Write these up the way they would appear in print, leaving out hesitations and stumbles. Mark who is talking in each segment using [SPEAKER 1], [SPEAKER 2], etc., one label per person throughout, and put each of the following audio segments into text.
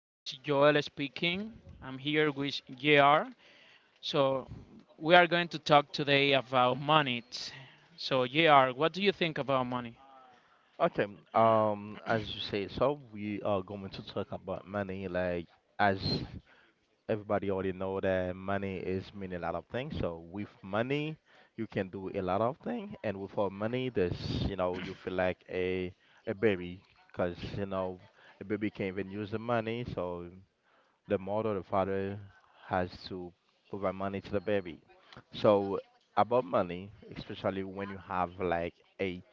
[SPEAKER 1] This is Joel speaking. I'm here with JR. So, we are going to talk today about money. So, JR, what do you think about money?
[SPEAKER 2] Okay, as you say, so we are going to talk about money. Like, as everybody already know that money is mean a lot of things. So with money, you can do a lot of things, and without money, there's you feel like a baby, cause a baby can't even use the money. So the mother, the father has to provide money to the baby. So about money, especially when you have like a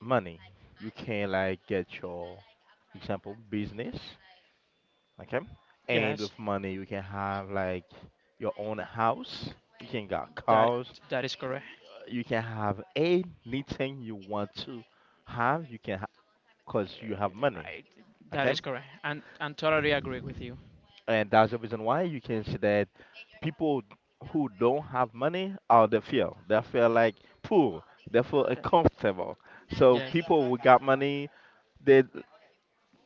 [SPEAKER 2] money. You can like get your example business, okay? And
[SPEAKER 1] Yes,
[SPEAKER 2] with money you can have like your own house, you can got
[SPEAKER 1] that
[SPEAKER 2] cars,
[SPEAKER 1] that is correct.
[SPEAKER 2] you can have anything you want to have, you can cause you have
[SPEAKER 1] Uh,
[SPEAKER 2] money,
[SPEAKER 1] I, that
[SPEAKER 2] okay?
[SPEAKER 1] is correct. And totally agree with you.
[SPEAKER 2] And that's the reason why you can see that people who don't have money are they feel. They feel like poor, they feel uncomfortable. So
[SPEAKER 1] Yes.
[SPEAKER 2] people who got money, they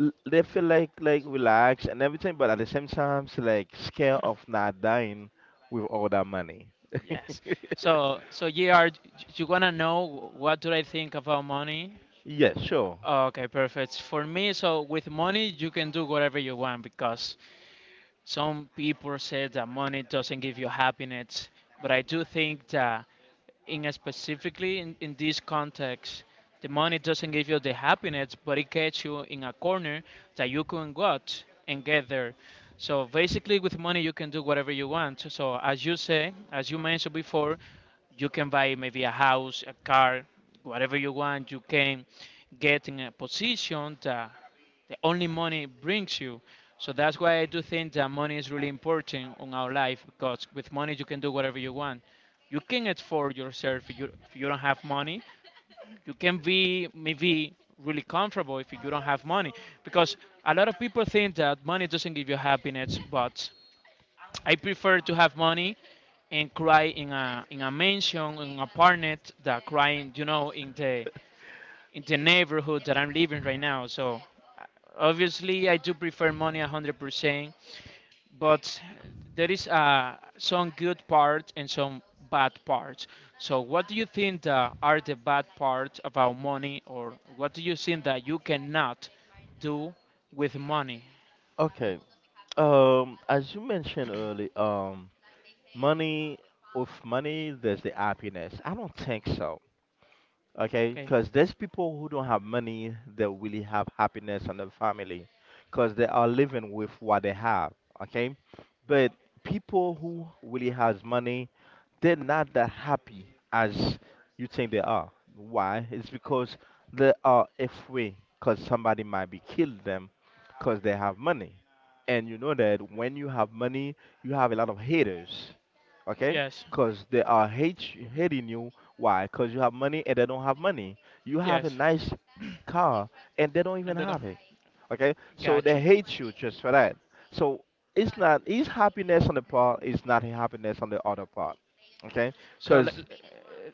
[SPEAKER 2] they feel like relaxed and everything, but at the same time, it's like scared of not dying with all that money.
[SPEAKER 1] Yes. So, yeah, you wanna know what do I think about money?
[SPEAKER 2] Yeah, sure.
[SPEAKER 1] Okay, perfect. For me, so with money you can do whatever you want because some people say that money doesn't give you happiness, but I do think that in a specifically in this context, the money doesn't give you the happiness, but it gets you in a corner that you can go out and get there. So basically, with money, you can do whatever you want. So as you say, as you mentioned before, you can buy maybe a house, a car, whatever you want. You can get in a position that the only money brings you. So that's why I do think that money is really important on our life, because with money you can do whatever you want. You can afford yourself. If you don't have money, you can be maybe really comfortable if you don't have money, because a lot of people think that money doesn't give you happiness, but I prefer to have money and cry in a mansion in an apartment that crying in the neighborhood that I'm living right now. So obviously I do prefer money 100%. But there is some good parts and some bad parts. So, what do you think that are the bad parts about money, or what do you think that you cannot do with money?
[SPEAKER 2] Okay. As you mentioned earlier, money with money, there's the happiness. I don't think so. Okay,
[SPEAKER 1] Okay.
[SPEAKER 2] because there's people who don't have money that really have happiness and their family, because they are living with what they have. Okay, but people who really has money they're not that happy as you think they are. Why? It's because they are afraid because somebody might be killed them because they have money. And you know that when you have money, you have a lot of haters, okay?
[SPEAKER 1] Yes.
[SPEAKER 2] Because they are hate hating you. Why? Because you have money and they don't have money. You have a
[SPEAKER 1] Yes.
[SPEAKER 2] nice car and they don't
[SPEAKER 1] And
[SPEAKER 2] even
[SPEAKER 1] then,
[SPEAKER 2] have it. Okay, so
[SPEAKER 1] got
[SPEAKER 2] they
[SPEAKER 1] you.
[SPEAKER 2] hate you just for that. So it's not his happiness on the part is not a happiness on the other part. Okay,
[SPEAKER 1] So,
[SPEAKER 2] because
[SPEAKER 1] l-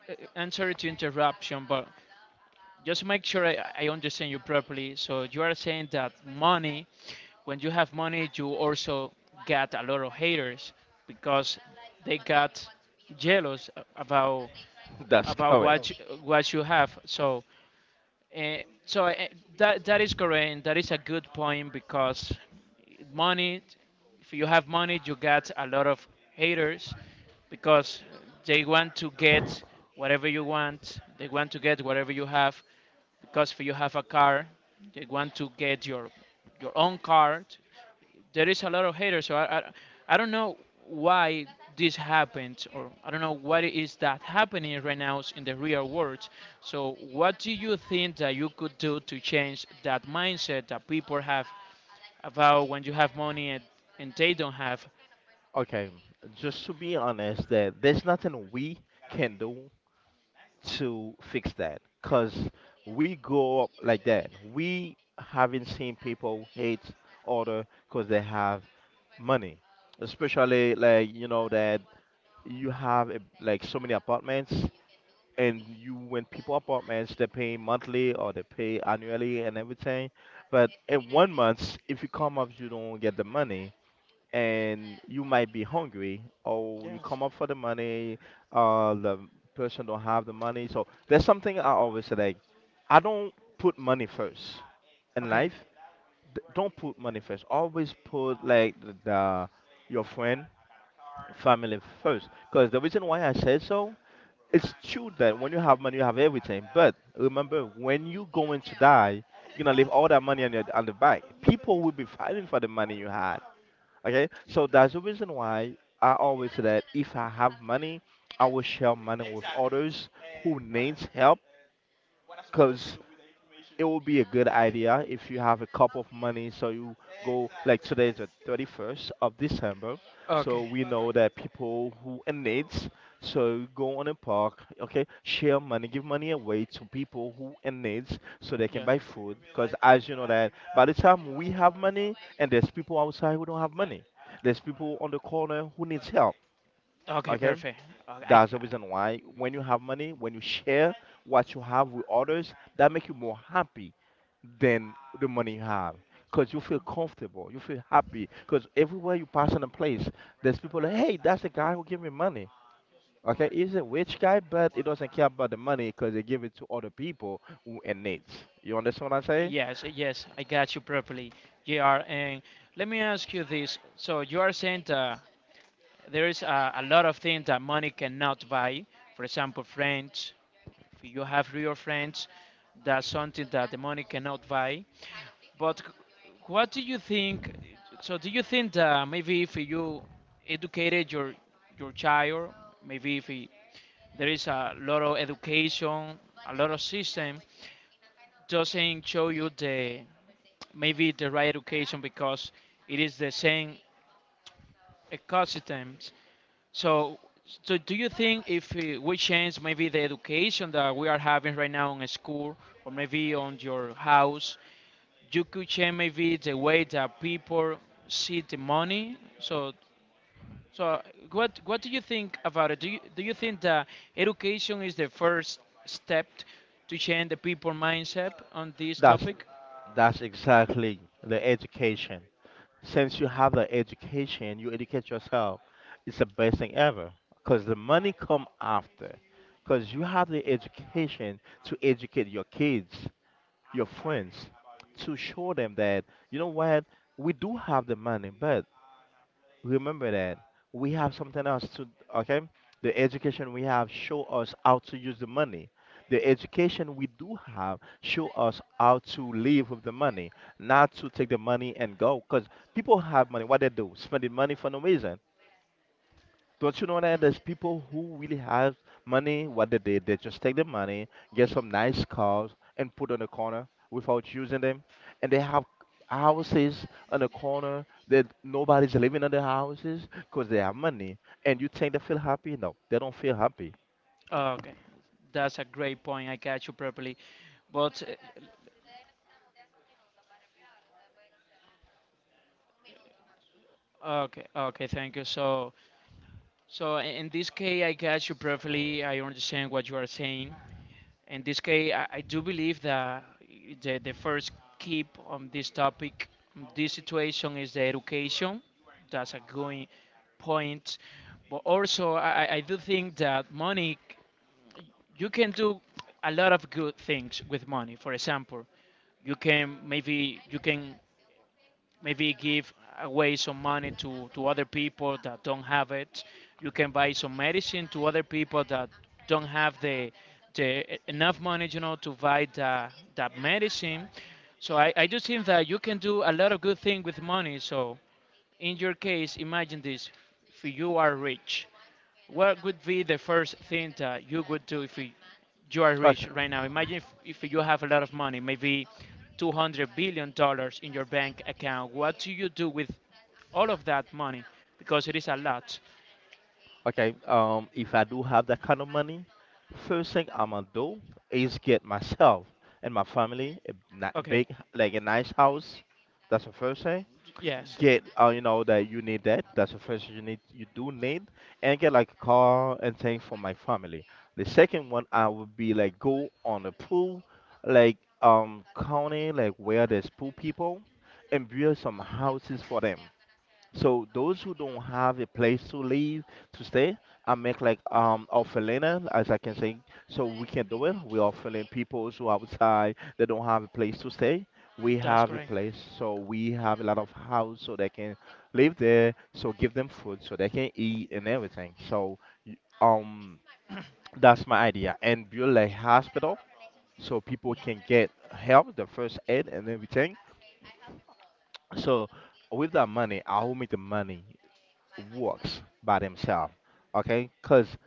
[SPEAKER 1] uh, I'm sorry to interruption, but just make sure I understand you properly. So, you are saying that money, when you have money, you also get a lot of haters because they got jealous about
[SPEAKER 2] that's
[SPEAKER 1] of
[SPEAKER 2] correct.
[SPEAKER 1] what you, course. What you have. So uh, so that is correct. And that is a good point because money, if you have money, you get a lot of haters because they want to get whatever you want. They want to get whatever you have, because if you have a car, they want to get your own car. There is a lot of haters. So I don't know why this happened, or I don't know what is that happening right now in the real world. So what do you think that you could do to change that mindset that people have about when you have money, and they don't have?
[SPEAKER 2] Okay, just to be honest, that there's nothing we can do to fix that, cause we grow up like that. We haven't seen people hate other cause they have money, especially like you know that you have like so many apartments and you when people apartments they pay monthly or they pay annually and everything but in one month if you come up you don't get the money and you might be hungry or you
[SPEAKER 1] Yes.
[SPEAKER 2] come up for the money the person don't have the money so there's something I always say like I don't put money first in
[SPEAKER 1] Okay.
[SPEAKER 2] life don't put money first always put like the your friend family first because the reason why I said so it's true that when you have money, you have everything. But remember, when you going to die, you're gonna leave all that money on your on the bank. People will be fighting for the money you had. Okay, so that's the reason why I always say that if I have money, I will share money with others who needs help it would be a good idea if you have a cup of money so you go like today is the 31st of december so
[SPEAKER 1] Okay.
[SPEAKER 2] we know that people who in needs so go on a park okay share money give money away to people who in needs so they can
[SPEAKER 1] Yeah.
[SPEAKER 2] buy food because as you know that by the time we have money and there's people outside who don't have money there's people on the corner who needs help
[SPEAKER 1] Okay.
[SPEAKER 2] okay
[SPEAKER 1] Perfect. I.
[SPEAKER 2] that's the reason why when you have money, when you share what you have with others, that make you more happy than the money you have. Because you feel comfortable, you feel happy. Because everywhere you pass in a place, there's people like, hey, that's the guy who gave me money. Okay, he's a rich guy, but he doesn't care about the money because he give it to other people who in needs. You understand what I say?
[SPEAKER 1] Yes, yes, I got you properly, JR. And let me ask you this. So you are saying that there is a lot of things that money cannot buy. For example, friends. If you have real friends, that's something that the money cannot buy. But what do you think? So, do you think that maybe if you educated your child, maybe if he- there is a lot of education, a lot of system, doesn't show you the, maybe the right education, because it is the same ecosystem. So, so, do you think if we change maybe the education that we are having right now in school, or maybe on your house, you could change maybe the way that people see the money? So, what do you think about it? Do you think that education is the first step to change the people mindset on this
[SPEAKER 2] That's
[SPEAKER 1] topic?
[SPEAKER 2] that's exactly the education. Since you have the education, you educate yourself. It's the best thing ever because the money come after. Because you have the education to educate your kids, your friends, to show them that you know what we do have the money, but remember that we have something else to okay the education we have show us how to use the money the education we do have show us how to live with the money not to take the money and go because people have money what they do spending money for no reason don't you know that there's people who really have money? What they did, they just take the money, get some nice cars, and put on the corner without using them. And they have houses on the corner that nobody's living in the houses because they have money. And you think they feel happy? No, they don't feel happy.
[SPEAKER 1] Okay, that's a great point. I catch you properly. But okay, okay, thank you. So. So in this case, I guess you perfectly. I understand what you are saying. In this case, I do believe that the first keep on this topic, this situation is the education. That's a good point. But also, I do think that money, you can do a lot of good things with money. For example, you can maybe give away some money to other people that don't have it. You can buy some medicine to other people that don't have enough money, to buy that medicine. So I just think that you can do a lot of good things with money. So in your case, imagine this: if you are rich, what would be the first thing that you would do if you are rich
[SPEAKER 2] Okay.
[SPEAKER 1] right now? Imagine if, you have a lot of money, maybe $200 billion dollars in your bank account. What do you do with all of that money? Because it is a lot.
[SPEAKER 2] Okay. If I do have that kind of money, first thing I'm gonna do is get myself and my family a
[SPEAKER 1] Okay,
[SPEAKER 2] big, like a nice house. That's the first thing.
[SPEAKER 1] yes,
[SPEAKER 2] Get you know that you need that that's the first you need you do need and get like a car and things for my family the second one I would be like go on a pool like county like where there's pool people and build some houses for them so those who don't have a place to live to stay, I make like orphanage as I can say. So we can do it. We orphaning people who outside they don't have a place to stay. We
[SPEAKER 1] that's
[SPEAKER 2] have a
[SPEAKER 1] great.
[SPEAKER 2] place, so we have a lot of house so they can live there. So give them food so they can eat and everything. So y- um that's my idea and build a hospital so people can get help, the first aid and everything. So with that money, I will make the money works by themselves okay because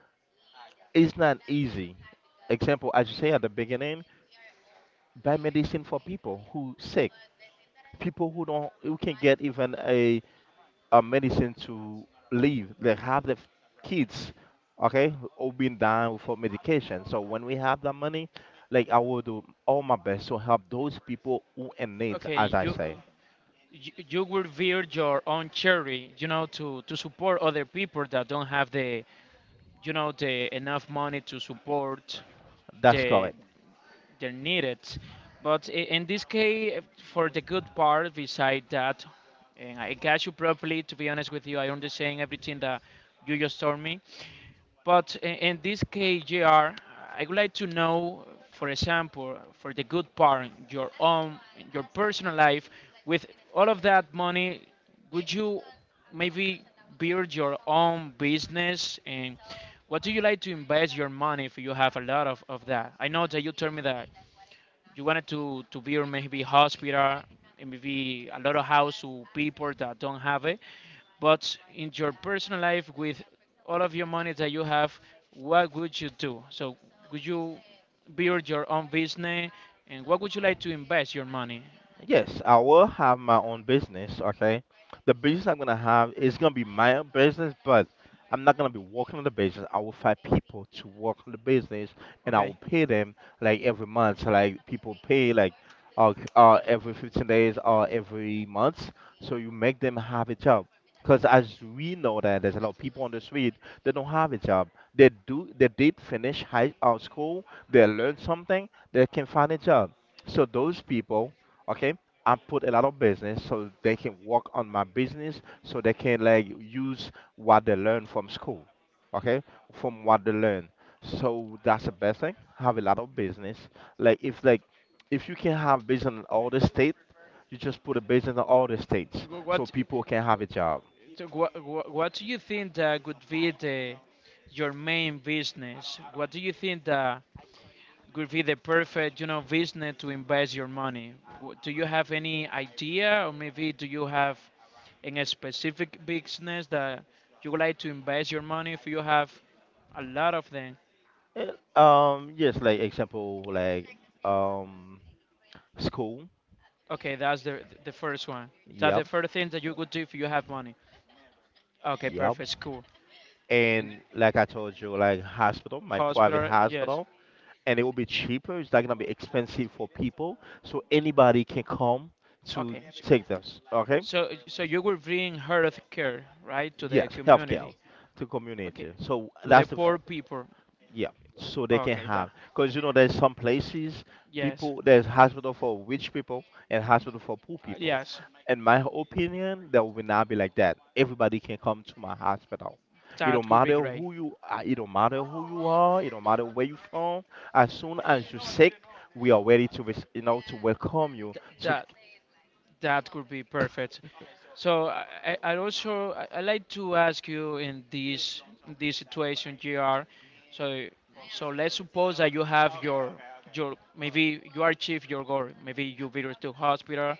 [SPEAKER 2] it's not easy example as you say at the beginning buy medicine for people who sick people who don't who can get even a medicine to live they have the f- kids okay all been down for medication so when we have the money like I will do all my best to help those people who in needs
[SPEAKER 1] Okay,
[SPEAKER 2] as I
[SPEAKER 1] you
[SPEAKER 2] say
[SPEAKER 1] you, you will build your own charity, to support other people that don't have the, the enough money to support
[SPEAKER 2] that's
[SPEAKER 1] the
[SPEAKER 2] correct.
[SPEAKER 1] needed. But in this case, for the good part beside that, and I got you properly, to be honest with you, I understand everything that you just told me. But in this case, JR, I would like to know, for example, for the good part, your own, your personal life, with all of that money, would you maybe build your own business? And what do you like to invest your money if you have a lot of that? I know that you told me that you wanted to build maybe hospital, and maybe a lot of house to people that don't have it. But in your personal life, with all of your money that you have, what would you do? So, would you build your own business, and what would you like to invest your money?
[SPEAKER 2] Yes, I will have my own business, okay? The business I'm gonna have is gonna be my own business, but I'm not gonna be working on the business. I will find people to work on the business and I will
[SPEAKER 1] Okay.
[SPEAKER 2] pay them like every month. So, like people pay like every 15 days or every month. So you make them have a job. Because as we know that there's a lot of people on the street that don't have a job. They do they did finish high school, they learned something, they can find a job. So those people okay I put a lot of business so they can work on my business so they can like use what they learn from school okay from what they learn so that's the best thing have a lot of business like if you can have business in all the state you just put a business in all the states
[SPEAKER 1] Wh-
[SPEAKER 2] so
[SPEAKER 1] What
[SPEAKER 2] people can have a job.
[SPEAKER 1] so wha- wha- what do you think that would be the your main business? What do you think that would be the perfect, business to invest your money? Do you have any idea, or maybe do you have in a specific business that you would like to invest your money if you have a lot of them?
[SPEAKER 2] Eh, yes like example like um school
[SPEAKER 1] Okay, that's the first one. That's the
[SPEAKER 2] yep
[SPEAKER 1] first thing that you could do if you have money. Okay,
[SPEAKER 2] yep
[SPEAKER 1] perfect, cool. In
[SPEAKER 2] and like I told you like hospital my private
[SPEAKER 1] hospital, yes.
[SPEAKER 2] hospital and it will be cheaper. It's not gonna be expensive for people, so anybody can come to
[SPEAKER 1] Okay, so
[SPEAKER 2] take this. Okay?
[SPEAKER 1] so so you will bring health care right to the
[SPEAKER 2] Yes, healthcare
[SPEAKER 1] community.
[SPEAKER 2] to
[SPEAKER 1] Okay,
[SPEAKER 2] community. So
[SPEAKER 1] to the
[SPEAKER 2] that's the f-
[SPEAKER 1] poor people.
[SPEAKER 2] Yeah, so they can
[SPEAKER 1] Okay, that
[SPEAKER 2] have because you know there's some places
[SPEAKER 1] yes,
[SPEAKER 2] people there's hospital for rich people and hospital for poor people.
[SPEAKER 1] yes,
[SPEAKER 2] In my opinion, that will not be like that. Everybody can come to my hospital. It
[SPEAKER 1] that
[SPEAKER 2] don't
[SPEAKER 1] could be
[SPEAKER 2] matter
[SPEAKER 1] great.
[SPEAKER 2] who you are. It don't matter who you are. It don't matter where you from. As soon as you're sick, we are ready to to welcome you.
[SPEAKER 1] Th-
[SPEAKER 2] To
[SPEAKER 1] that that could be perfect. So I'd also I like to ask you in this situation, Gr. So so, let's suppose that you have your, maybe you achieve your goal. Maybe you visit to hospital,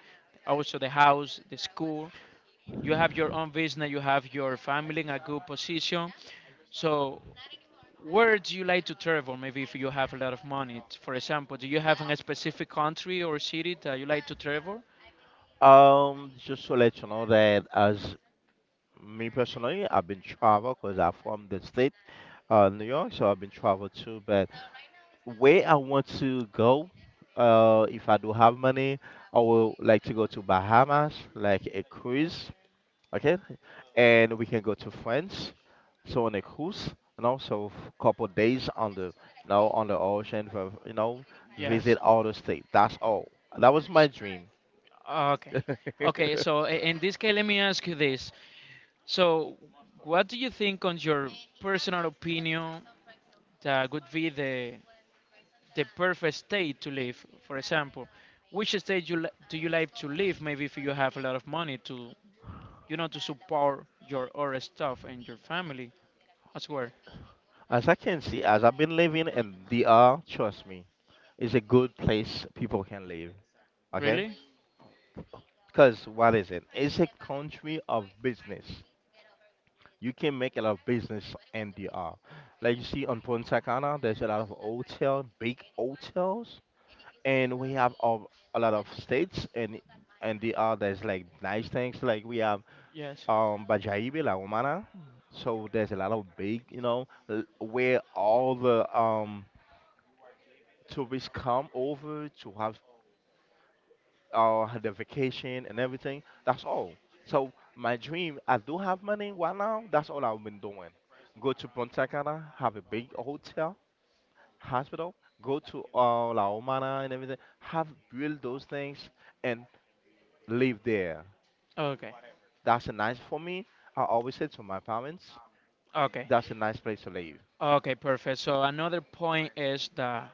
[SPEAKER 1] also the house, the school. You have your own business. You have your family in a good position. So where do you like to travel? Maybe if you have a lot of money, for example, do you have a specific country or city that you like to travel?
[SPEAKER 2] Just to let you know that as me personally, I've been travel because I'm from the state New York, so I've been travel too. But where I want to go, if I do have money, I will like to go to Bahamas, like a cruise, okay? And we can go to France, so on a cruise, and also couple days on the, you know, on the ocean for, you know,
[SPEAKER 1] Yes.
[SPEAKER 2] visit all the state. That's all. That was my dream.
[SPEAKER 1] Okay. Okay, so in this case, let me ask you this. So, what do you think, on your personal opinion, that would be the perfect state to live? For example, which state do you like to live? Maybe if you have a lot of money to support your other stuff and your family as well.
[SPEAKER 2] As I can see, as I've been living in DR, trust me, it's a good place people can live, okay?
[SPEAKER 1] Really?
[SPEAKER 2] Because what is it? It's a country of business. You can make a lot of business in DR. Like you see on Punta Cana, there's a lot of hotel, big hotels, and we have a, lot of states and DR. There's like nice things like we have
[SPEAKER 1] Yes.
[SPEAKER 2] Bajaibe, La Romana. So there's a lot of big, where all the tourists come over to have or the vacation and everything. That's all. So my dream, I do have money right now. That's all I've been doing. Go to Punta Cana, have a big hotel, hospital, go to La Romana and everything, have build those things and live there.
[SPEAKER 1] Okay.
[SPEAKER 2] That's a nice for me. I always say to my parents,
[SPEAKER 1] Okay.
[SPEAKER 2] that's a nice place to live.
[SPEAKER 1] Okay, perfect. So another point is that.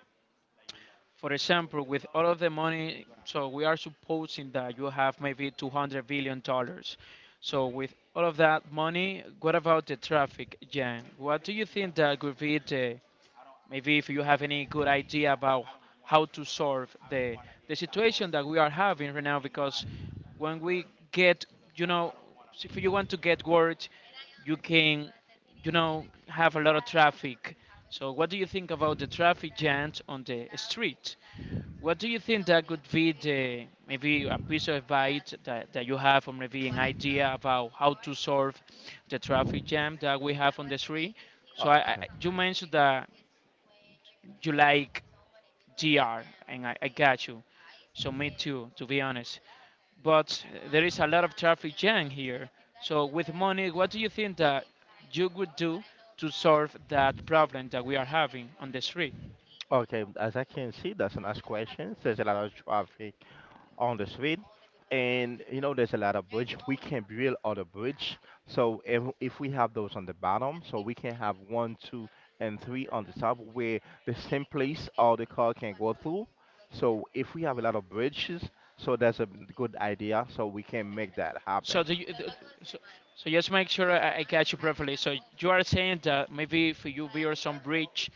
[SPEAKER 1] For example, with all of the money, so we are supposing that you have maybe 200 billion dollars. So with all of that money, what about the traffic jam? What do you think that could be the, maybe if you have any good idea about how to solve the situation that we are having right now? Because when we get, you know, if you want to get work, you can, have a lot of traffic. So what do you think about the traffic jams on the street? What do you think that could be the, maybe a piece of advice that you have, or maybe an idea about how to solve the traffic jam that we have on the street? So
[SPEAKER 2] Okay.
[SPEAKER 1] you mentioned that you like GR, and I got you. So me too, to be honest. But there is a lot of traffic jam here. So with money, what do you think that you would do to solve that problem that we are having on the street?
[SPEAKER 2] Okay, as I can see, that's a nice question. There's a lot of traffic on the street. And you know, there's a lot of bridge. We can build other bridge. So if we have those on the bottom, so we can have one, two, and three on the top where the same place all the car can go through. So if we have a lot of bridges, so that's a good idea. So we can make that
[SPEAKER 1] So
[SPEAKER 2] happen.
[SPEAKER 1] do you, th- so, so just make sure I catch you properly. So you are saying that maybe if you build some bridge,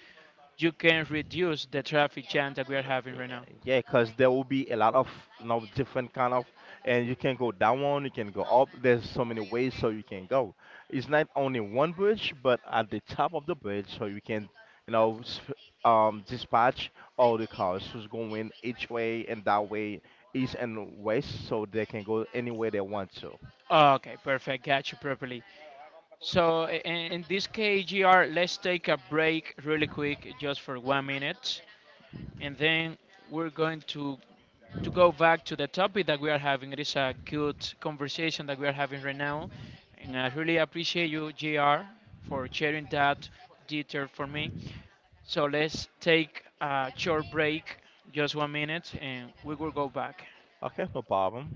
[SPEAKER 1] you can reduce the traffic jam that we are
[SPEAKER 2] Mm,
[SPEAKER 1] having right now.
[SPEAKER 2] Yeah, because there will be a lot of, you know, different kind of, and you can go down, one, you can go up. There's so many ways so you can go. It's not only one bridge, but at the top of the bridge, so you can, you know, dispatch all the cars who's going each way and that way, east and west, so they can go anywhere they want to.
[SPEAKER 1] Oh, okay, perfect. Got you properly. So in this KGR, let's take a break really quick, just for 1 minute, and then we're going to go back to the topic that we are having. It is a good conversation that we are having right now, and I really appreciate you, JR, for sharing that detail for me. So let's take a short break, just 1 minute, and we will go back.
[SPEAKER 2] Okay, no problem.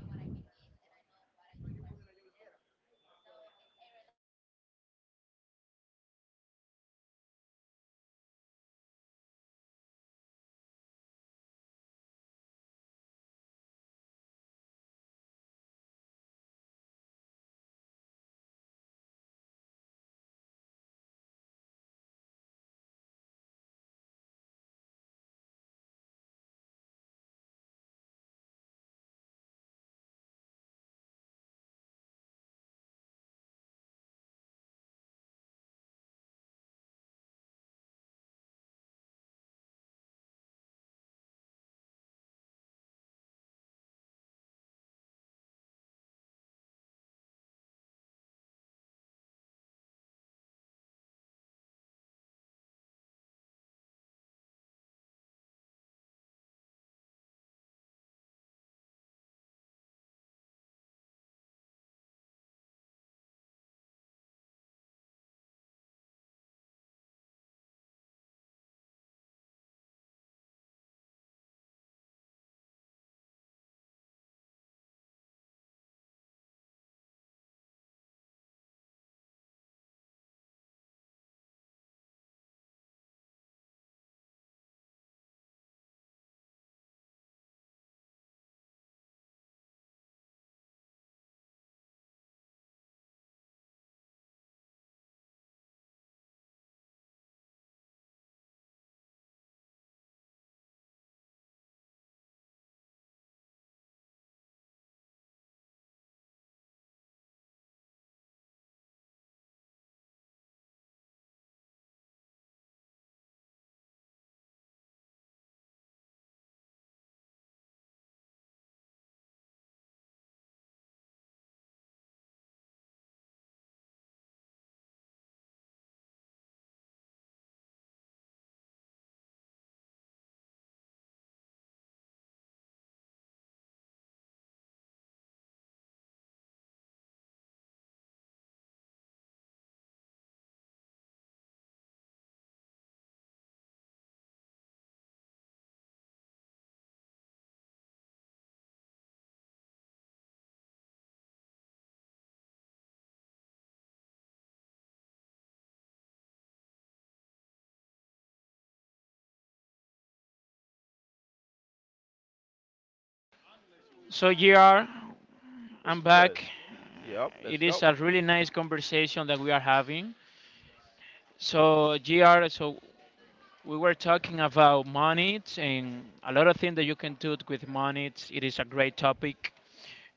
[SPEAKER 1] So, GR,
[SPEAKER 2] What's
[SPEAKER 1] I'm
[SPEAKER 2] for good?
[SPEAKER 1] back.
[SPEAKER 2] Yep, let's
[SPEAKER 1] It is
[SPEAKER 2] go.
[SPEAKER 1] a really nice conversation that we are having. So, GR, so we were talking about money and a lot of things that you can do with money. It is a great topic.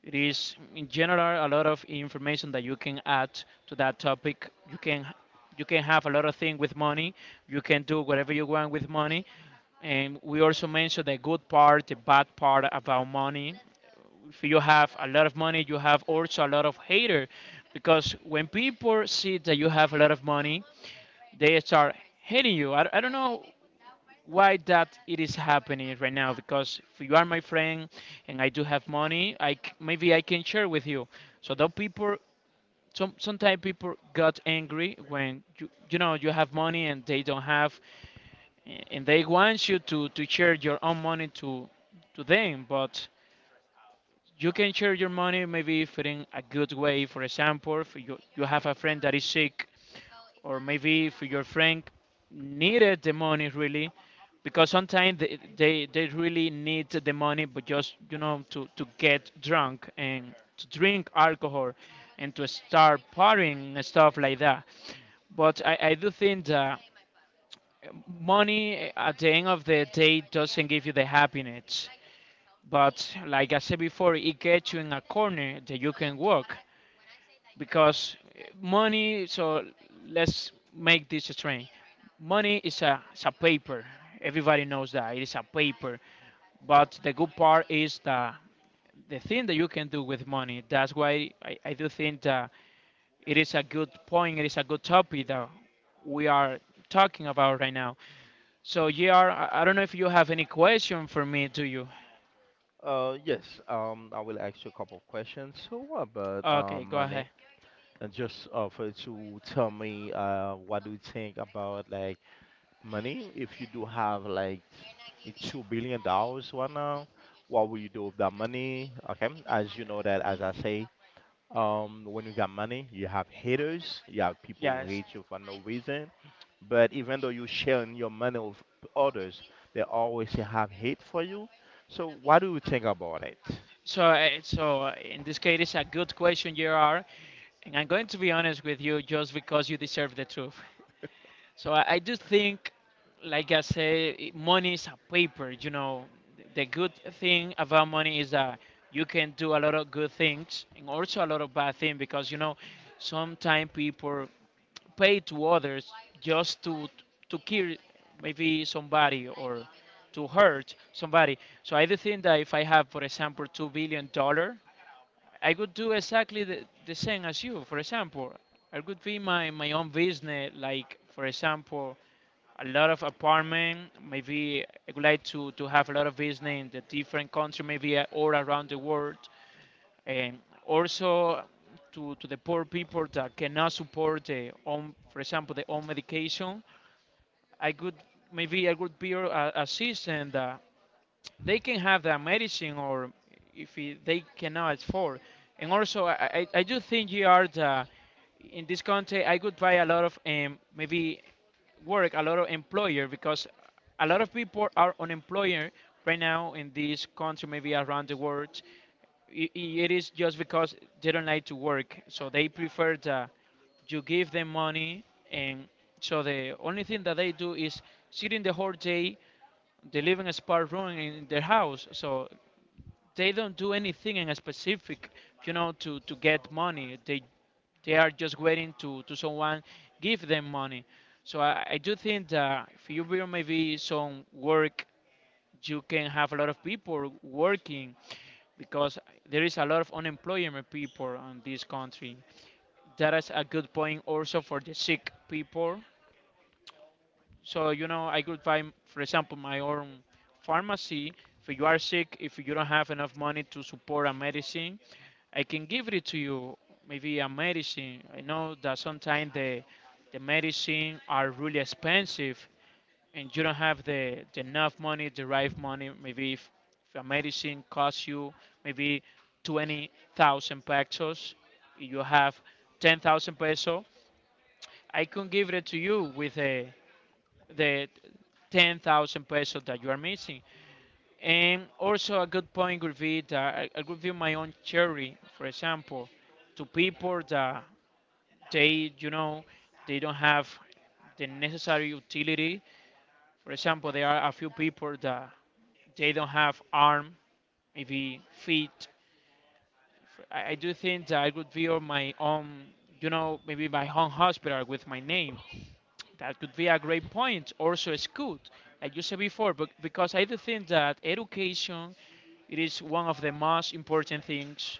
[SPEAKER 1] It is, in general, a lot of information that you can add to that topic. You can have a lot of things with money. You can do whatever you want with money. And we also mentioned the good part, the bad part about money. If you have a lot of money, you have also a lot of hater, because when people see that you have a lot of money, they start hating you. I don't know why that it is happening right now. Because if you are my friend and I do have money, maybe I can share with you. So those people, sometimes people got angry when you know you have money and they don't have, and they want you to share your own money to them, but you can share your money maybe if in a good way. For example, if you have a friend that is sick, or maybe if your friend needed the money really, because sometimes they really need the money, but just to get drunk and to drink alcohol and to start partying and stuff like that. But I do think that money at the end of the day doesn't give you the happiness, but like I said before, it gets you in a corner that you can work. Because money, so let's make this strange, money is a paper. Everybody knows that it is a paper, but the good part is the thing that you can do with money. That's why I do think that it is a good point, it is a good topic that we are talking about right now. So, JR, I don't know if you have any question for me, do you?
[SPEAKER 2] Yes. I will ask you a couple of questions. So, what about
[SPEAKER 1] Okay, go
[SPEAKER 2] money?
[SPEAKER 1] ahead.
[SPEAKER 2] And just offer to tell me what do you think about like money? If you do have like a $2 billion right now, what will you do with that money? Okay, as you know that as I say, when you got money, you have haters, you have people who
[SPEAKER 1] Yes.
[SPEAKER 2] hate you for no reason. But even though you sharing your money with others, they always have hate for you. So what do you think about it?
[SPEAKER 1] So, in this case, it's a good question, JR, and I'm going to be honest with you just because you deserve the truth. So, I do think, like I say, money is a paper. The good thing about money is that you can do a lot of good things and also a lot of bad things, because sometimes people pay to others just to kill maybe somebody or to hurt somebody. So I do think that if I have, for example, $2 billion, I would do exactly the same as you. For example, I could be my own business, like for example, a lot of apartment. Maybe I would like to have a lot of business in the different country, maybe all around the world. And also to the poor people that cannot support the own, for example, their own medication, I could maybe I could build a system that they can have the medicine, or if it, they cannot afford. And also, I do think, in this country, I could buy a lot of maybe work, a lot of employer, because a lot of people are unemployed right now in this country, maybe around the world. It is just because they don't like to work, so they prefer the you give them money, and so the only thing that they do is sit in the whole day, they live in a spa room in their house, so they don't do anything in a specific, to get money. They are just waiting to someone give them money. So I do think that if you build maybe some work, you can have a lot of people working, because there is a lot of unemployment people on this country. That is a good point also for the sick people, so, I could find, for example, my own pharmacy. If you are sick, if you don't have enough money to support a medicine, I can give it to you, maybe a medicine. I know that sometimes the medicine are really expensive and you don't have the enough money, the right money. Maybe if a medicine costs you maybe 20,000 pesos, you have 10,000 pesos, I can give it to you with a the 10,000 pesos that you are missing. And also, a good point would be that I would give my own charity, for example, to people that they, you know, they don't have the necessary utility. For example, there are a few people that they don't have arm, maybe feet. I do think that I would build my own, maybe my own hospital with my name. That could be a great point. Also, school, like you said before, but because I do think that education, it is one of the most important things,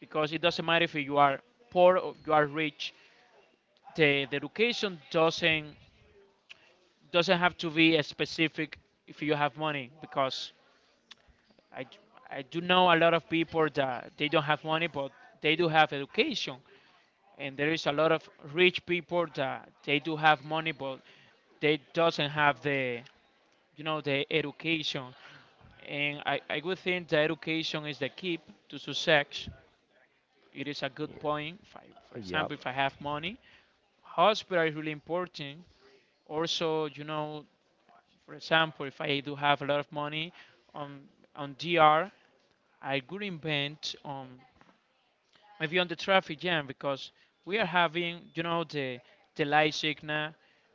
[SPEAKER 1] because it doesn't matter if you are poor or you are rich. The education doesn't have to be a specific if you have money, because I, I do know a lot of people that they don't have money but they do have education, and there is a lot of rich people that they do have money but they doesn't have the education. And I would think that education is the key to success. It is a good
[SPEAKER 2] Yeah,
[SPEAKER 1] point. If I, for
[SPEAKER 2] yeah,
[SPEAKER 1] example, if I have money, hospital is really important. Also, for example, if I do have a lot of money on on DR, I could invent maybe on the traffic jam, because we are having, the light signal.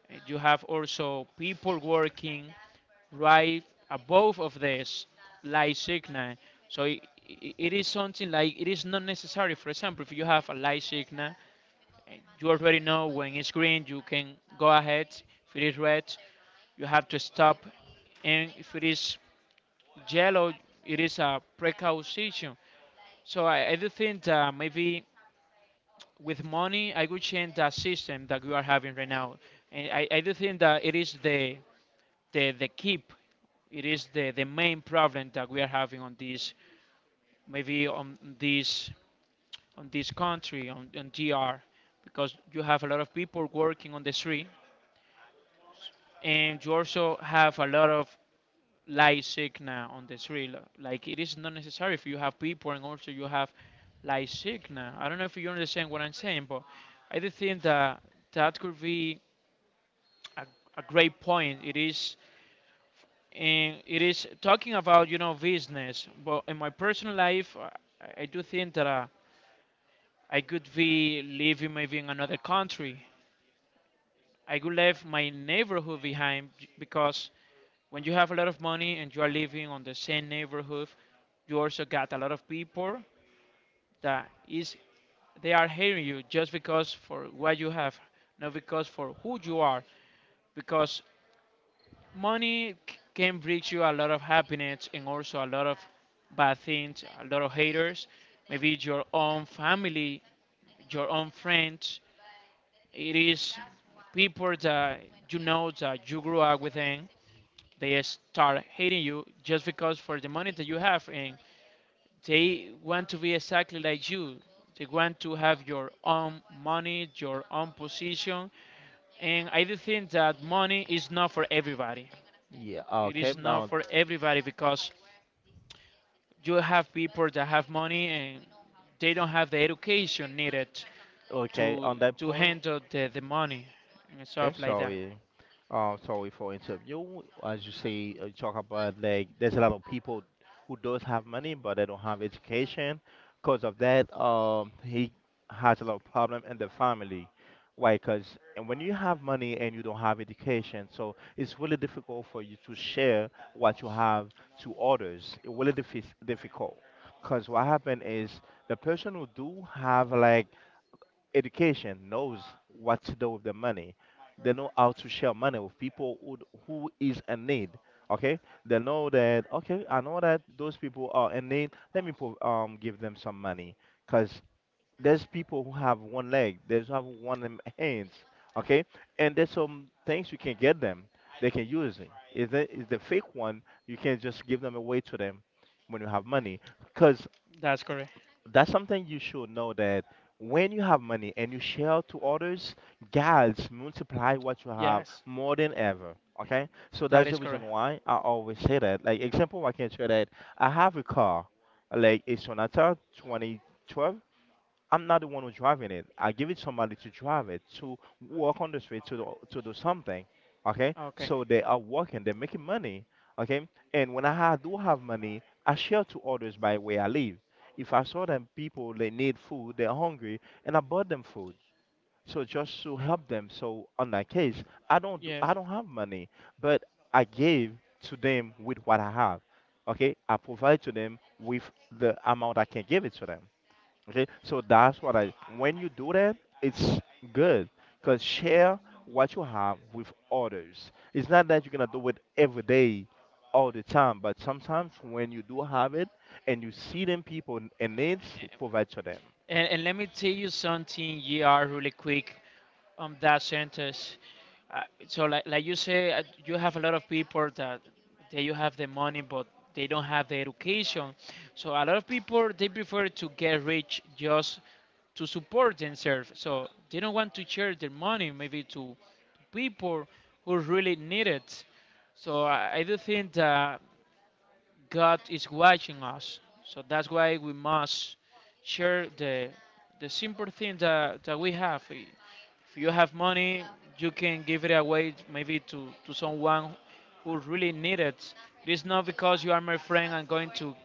[SPEAKER 1] You have also people working right above of this light signal. So it is something like it is not necessary. For example, if you have a light signal, and you already know when it's green, you can go ahead. If it is red, you have to stop, and if it is yellow, it is a precaution. So I do think that maybe with money, I could change the system that we are having right now, and I do think that it is the keep. It is the main problem that we are having on this, maybe on this country, on GR, because you have a lot of people working on the street, and you also have a lot of light signal on the street. Like it is not necessary if you have people, and also you have light signal. I don't know if you understand what I'm saying, but I do think that that could be a, a great point. It is, and it is talking about business, but in my personal life, I do think that I could be living maybe in another country, I could leave my neighborhood behind, because when you have a lot of money and you are living on the same neighborhood, you also got a lot of people that is they are hating you, just because for what you have, not because for who you are, because money can bring you a lot of happiness and also a lot of bad things, a lot of haters, maybe your own family, your own friends. It is people that you know that you grew up with, and they start hating you just because for the money that you have, and they want to be exactly like you. They want to have your own money, your own position. And I do think that money is not for everybody.
[SPEAKER 2] yeah.
[SPEAKER 1] It
[SPEAKER 2] Okay,
[SPEAKER 1] is not
[SPEAKER 2] now,
[SPEAKER 1] for everybody, because you have people that have money and they don't have the education needed
[SPEAKER 2] okay.
[SPEAKER 1] to
[SPEAKER 2] On that
[SPEAKER 1] to
[SPEAKER 2] point,
[SPEAKER 1] handle the money and
[SPEAKER 2] okay.
[SPEAKER 1] stuff like that.
[SPEAKER 2] Sorry. Sorry for interview. As you say, you talk about like there's a lot of people who does have money but they don't have education. Because of that, he has a lot of problem in the family. Why? Because when you have money and you don't have education, so it's really difficult for you to share what you have to others. It really difficult. Because what happened is the person who do have like education knows what to do with the money. They know how to share money with people who is in need. Okay, they know that. Okay, I know that those people are in need. Let me give them some money, cause there's people who have one leg, there's have one hands. Okay, and there's some things you can get them. They can use it. Is the fake one? You can just give them away to them when you have money, cause
[SPEAKER 1] That's correct.
[SPEAKER 2] that's something you should know that when you have money and you share to others, God's multiply what you have
[SPEAKER 1] Yes,
[SPEAKER 2] more than ever. Okay, so
[SPEAKER 1] that
[SPEAKER 2] that's the
[SPEAKER 1] is
[SPEAKER 2] reason
[SPEAKER 1] correct.
[SPEAKER 2] why I always say that. Like example, I can say that I have a car, like a Sonata 2012. I'm not the one who's driving it. I give it somebody to drive it to walk on the street to do something. Okay,
[SPEAKER 1] Okay.
[SPEAKER 2] so they are working, they're making money. Okay, and when I do have money, I share to others by where I live. If I saw them people, they need food, they're hungry, and I bought them food. So just to help them. So on that case,
[SPEAKER 1] Yes.
[SPEAKER 2] I don't have money, but I gave to them with what I have. Okay, I provide to them with the amount I can give it to them. Okay, so that's what I. When you do that, it's good because share what you have with others. It's not that you're gonna do it every day, all the time, but sometimes when you do have it and you see them people and needs, provide to them.
[SPEAKER 1] And let me tell you something, GR, really quick on that sentence. Uh, so like you say, you have a lot of people that they you have the money, but they don't have the education. So a lot of people, they prefer to get rich just to support themselves. So they don't want to share their money maybe to people who really need it. So I do think that God is watching us. So that's why we must share the simple things that we have. If you have money, you can give it away maybe to someone who really needs it. It is not because you are my friend I'm going to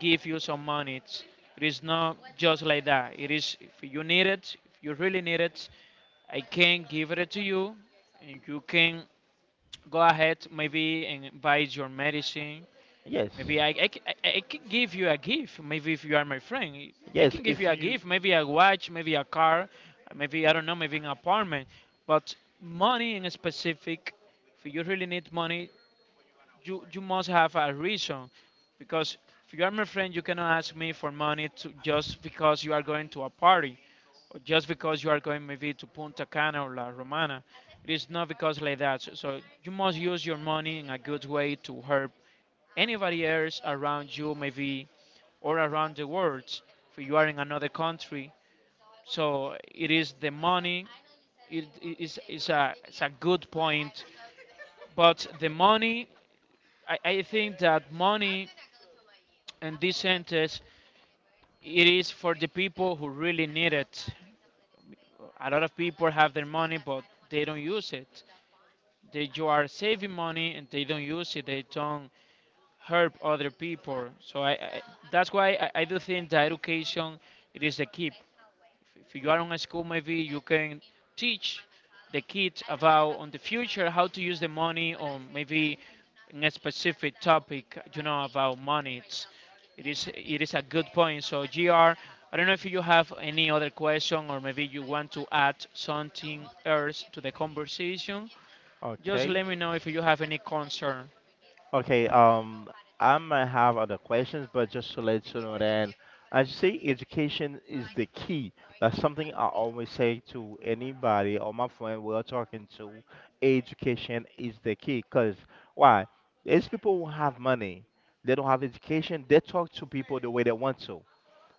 [SPEAKER 1] give you some money. It is not just like that. It is if you need it, if you really need it, I can give it to you and you can go ahead maybe and buy your medicine.
[SPEAKER 2] Yes,
[SPEAKER 1] Maybe I can give you a gift. Maybe if you are my friend, I
[SPEAKER 2] yes.
[SPEAKER 1] can give
[SPEAKER 2] If
[SPEAKER 1] you a
[SPEAKER 2] you
[SPEAKER 1] gift. Maybe a watch, maybe a car, maybe I don't know, maybe an apartment. But money in specific, if you really need money, you must have a reason, because if you are my friend, you cannot ask me for money to, just because you are going to a party or just because you are going maybe to Punta Cana or La Romana. It is not because like that. So you must use your money in a good way to help anybody else around you, maybe, or around the world, if you are in another country. So it is the money. It's a good point, but the money. I think that money in this sentence it is for the people who really need it. A lot of people have their money, but they don't use it. They You are saving money and they don't use it. They don't help other people. So I That's why I do think that education it is the key. If you are in a school, maybe you can teach the kids about on the future how to use the money or maybe in a specific topic, you know, about money. It is it is a good point. So Gr, I don't know if you have any other question or maybe you want to add something else to the conversation. Just
[SPEAKER 2] okay,
[SPEAKER 1] let me know if you have any concern.
[SPEAKER 2] okay, I might have other questions, but just to let you know that as you say, education is the key. That's something I always say to anybody or my friend we're talking to. Education is the key, because why? These people who have money, they don't have education, they talk to people the way they want to,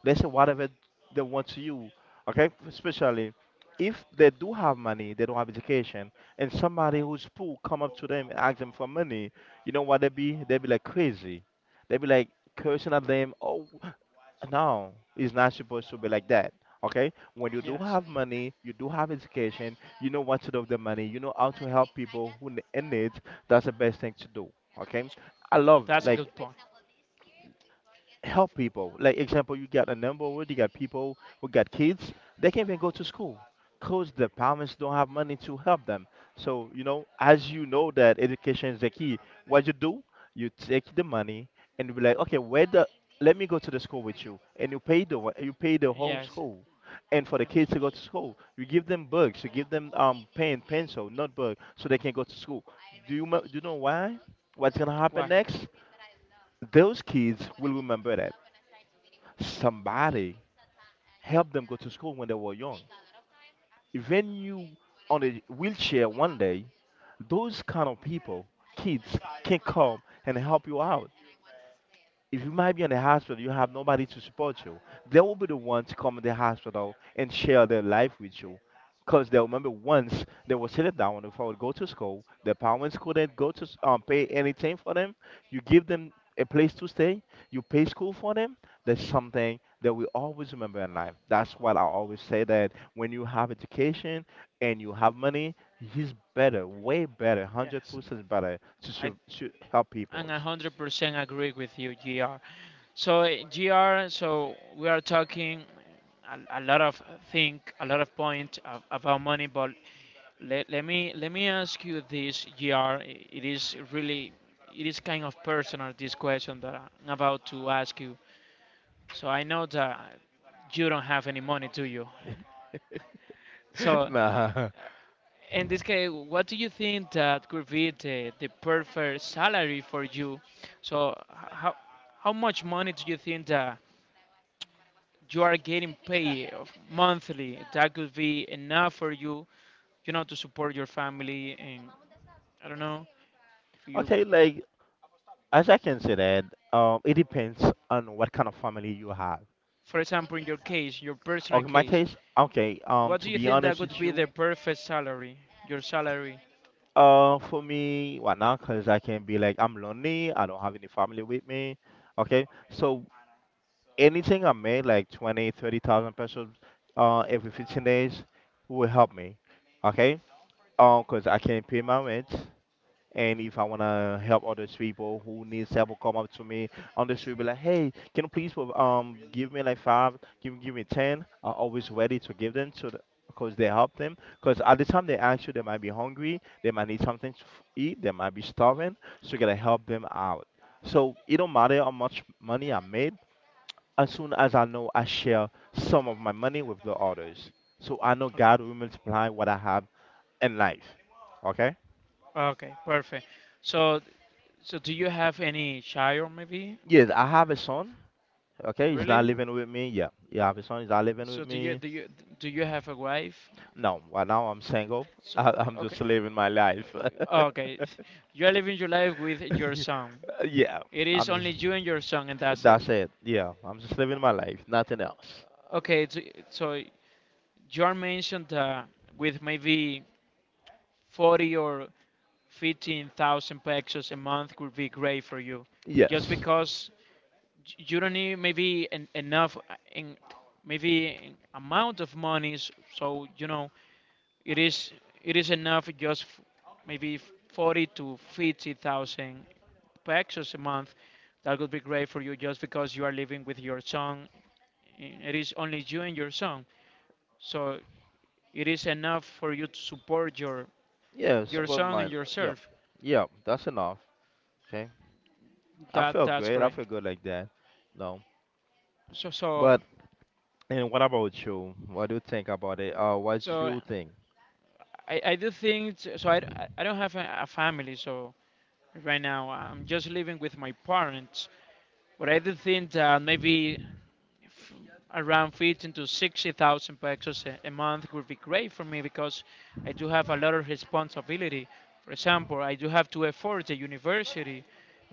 [SPEAKER 2] let's say whatever they want to you. Okay, especially if they do have money they don't have education, and somebody who's poor come up to them and ask them for money, you know what they be like crazy, they be like cursing at them. Oh no, it's not supposed to be like that. Okay, when you do
[SPEAKER 1] Yes.
[SPEAKER 2] have money you do have education, you know what to do with the money, you know how to help people who in need. That's the best thing to do. Okay, I love
[SPEAKER 1] That's a
[SPEAKER 2] like
[SPEAKER 1] good point.
[SPEAKER 2] help people. Like example, you got a number word, you got people who got kids, they can't even go to school. Cause the parents don't have money to help them. So, you know, as you know that education is the key, what you do, you take the money and you be like, okay, where the, let me go to the school with you and you pay the you pay the
[SPEAKER 1] Yes.
[SPEAKER 2] whole
[SPEAKER 1] Yes.
[SPEAKER 2] school. And for the kids to go to school, you give them books, you give them pen, pencil, notebook, so they can go to school. Do you know why? What's gonna happen
[SPEAKER 1] Why?
[SPEAKER 2] next? Those kids will remember that somebody helped them go to school when they were young. Even you on a wheelchair one day, those kind of people, kids, can come and help you out if you might be in the hospital, you have nobody to support you. They will be the one to come in the hospital and share their life with you. Because they remember once they were sitting down if I would go to school, their parents couldn't go to pay anything for them. You give them a place to stay, you pay school for them. That's something that we always remember in life. That's why I always say that when you have education and you have money, it's better, way better,
[SPEAKER 1] Yes,
[SPEAKER 2] 100% better to,
[SPEAKER 1] I
[SPEAKER 2] to help
[SPEAKER 1] and
[SPEAKER 2] people.
[SPEAKER 1] 100% agree with you, Gr. So eh, Gr, so we are talking a lot of think, a lot of point of, about money, but let me ask you this, Jr. It is really it is kind of personal this question that I'm about to ask you. So I know that you don't have any money, do you? So
[SPEAKER 2] Nah.
[SPEAKER 1] in this case, what do you think that could be the perfect salary for you? So how much money do you think that you are getting monthly that could be enough for you, you know, to support your family and I don't know, for you.
[SPEAKER 2] Okay, like as I can say that, it depends on what kind of family you have.
[SPEAKER 1] For example, in your case, your personal
[SPEAKER 2] Okay, my
[SPEAKER 1] case,
[SPEAKER 2] case, okay,
[SPEAKER 1] what do
[SPEAKER 2] to
[SPEAKER 1] you
[SPEAKER 2] be
[SPEAKER 1] think that
[SPEAKER 2] honest
[SPEAKER 1] would
[SPEAKER 2] with
[SPEAKER 1] be the
[SPEAKER 2] you,
[SPEAKER 1] perfect salary? Your salary.
[SPEAKER 2] for me, why not? Because I can be like, I'm lonely, I don't have any family with me. Okay, so anything I made, like 20, 30,000 pesos, every 15 days will help me. Okay, because I can pay my rent, and if I wanna help others people who needs help, will come up to me on the street, be like, "Hey, can you please give me like five, give me ten?" I'm always ready to give them to the, cause they help them. Cause at the time they ask you, they might be hungry, they might need something to eat, they might be starving, so you gotta help them out. So it don't matter how much money I made. As soon as I know I share some of my money with the others, so I know
[SPEAKER 1] Okay.
[SPEAKER 2] God will multiply what I have in life. Okay.
[SPEAKER 1] Okay, perfect. So, so do you have any child, maybe?
[SPEAKER 2] Yes, I have a son. Okay, he's not
[SPEAKER 1] Really?
[SPEAKER 2] living with me. Yeah,
[SPEAKER 1] Uh,
[SPEAKER 2] yeah, this one is not living with
[SPEAKER 1] so
[SPEAKER 2] me.
[SPEAKER 1] do you have a wife?
[SPEAKER 2] No, right now I'm single.
[SPEAKER 1] So
[SPEAKER 2] I'm
[SPEAKER 1] okay,
[SPEAKER 2] just living my life.
[SPEAKER 1] uh, okay, you are living your life with your son.
[SPEAKER 2] Yeah,
[SPEAKER 1] It is
[SPEAKER 2] I'm
[SPEAKER 1] only
[SPEAKER 2] just.
[SPEAKER 1] you and your son, and that's it.
[SPEAKER 2] That's it. Yeah, I'm just living my life. Nothing else.
[SPEAKER 1] Okay, so so you are mentioned with maybe 40 or 15,000 pesos a month would be great for you just
[SPEAKER 2] Yes.
[SPEAKER 1] because you don't need maybe enough in maybe in amount of monies so you know it is it is enough just maybe 40 to 50,000 pesos a month that would be great for you just because you are living with your son. It is only you and your son so it is enough for you to support
[SPEAKER 2] Yes,
[SPEAKER 1] your
[SPEAKER 2] but
[SPEAKER 1] son and
[SPEAKER 2] my. Yep.
[SPEAKER 1] yourself.
[SPEAKER 2] Yep, that's enough. Okay. I
[SPEAKER 1] That
[SPEAKER 2] feel
[SPEAKER 1] that's
[SPEAKER 2] great. I
[SPEAKER 1] great.
[SPEAKER 2] feel good like that. No.
[SPEAKER 1] So so
[SPEAKER 2] But and what about you? What do you think about it? What
[SPEAKER 1] so
[SPEAKER 2] you think?
[SPEAKER 1] I do think t- so I, d- I don't have a family so right now I'm just living with my parents but I do think that maybe f- around 15 to 60,000 pesos a month would be great for me because I do have a lot of responsibility. For example, I do have to afford the university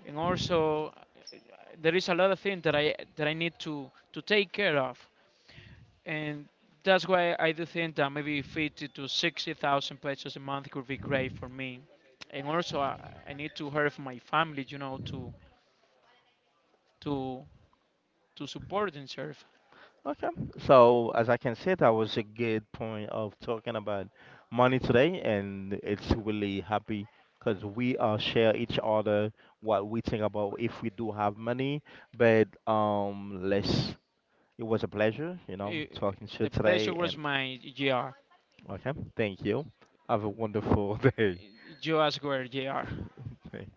[SPEAKER 1] and also there is a lot of things that I need to take care of. And that's why I do think that maybe 50 to 60,000 pesos a month could be great for me. And also, I need to help my family, you know, to to support and serve.
[SPEAKER 2] Okay. So as I can say, that was a good point of talking about money today, and it's really happy because we share each other what we think about if we do have money. But let's. It was a pleasure, you know,
[SPEAKER 1] I-
[SPEAKER 2] talking to you
[SPEAKER 1] The pleasure
[SPEAKER 2] today,
[SPEAKER 1] was
[SPEAKER 2] and
[SPEAKER 1] my GR.
[SPEAKER 2] okay, thank you. Have a wonderful day.
[SPEAKER 1] You ask where GR.
[SPEAKER 2] Thank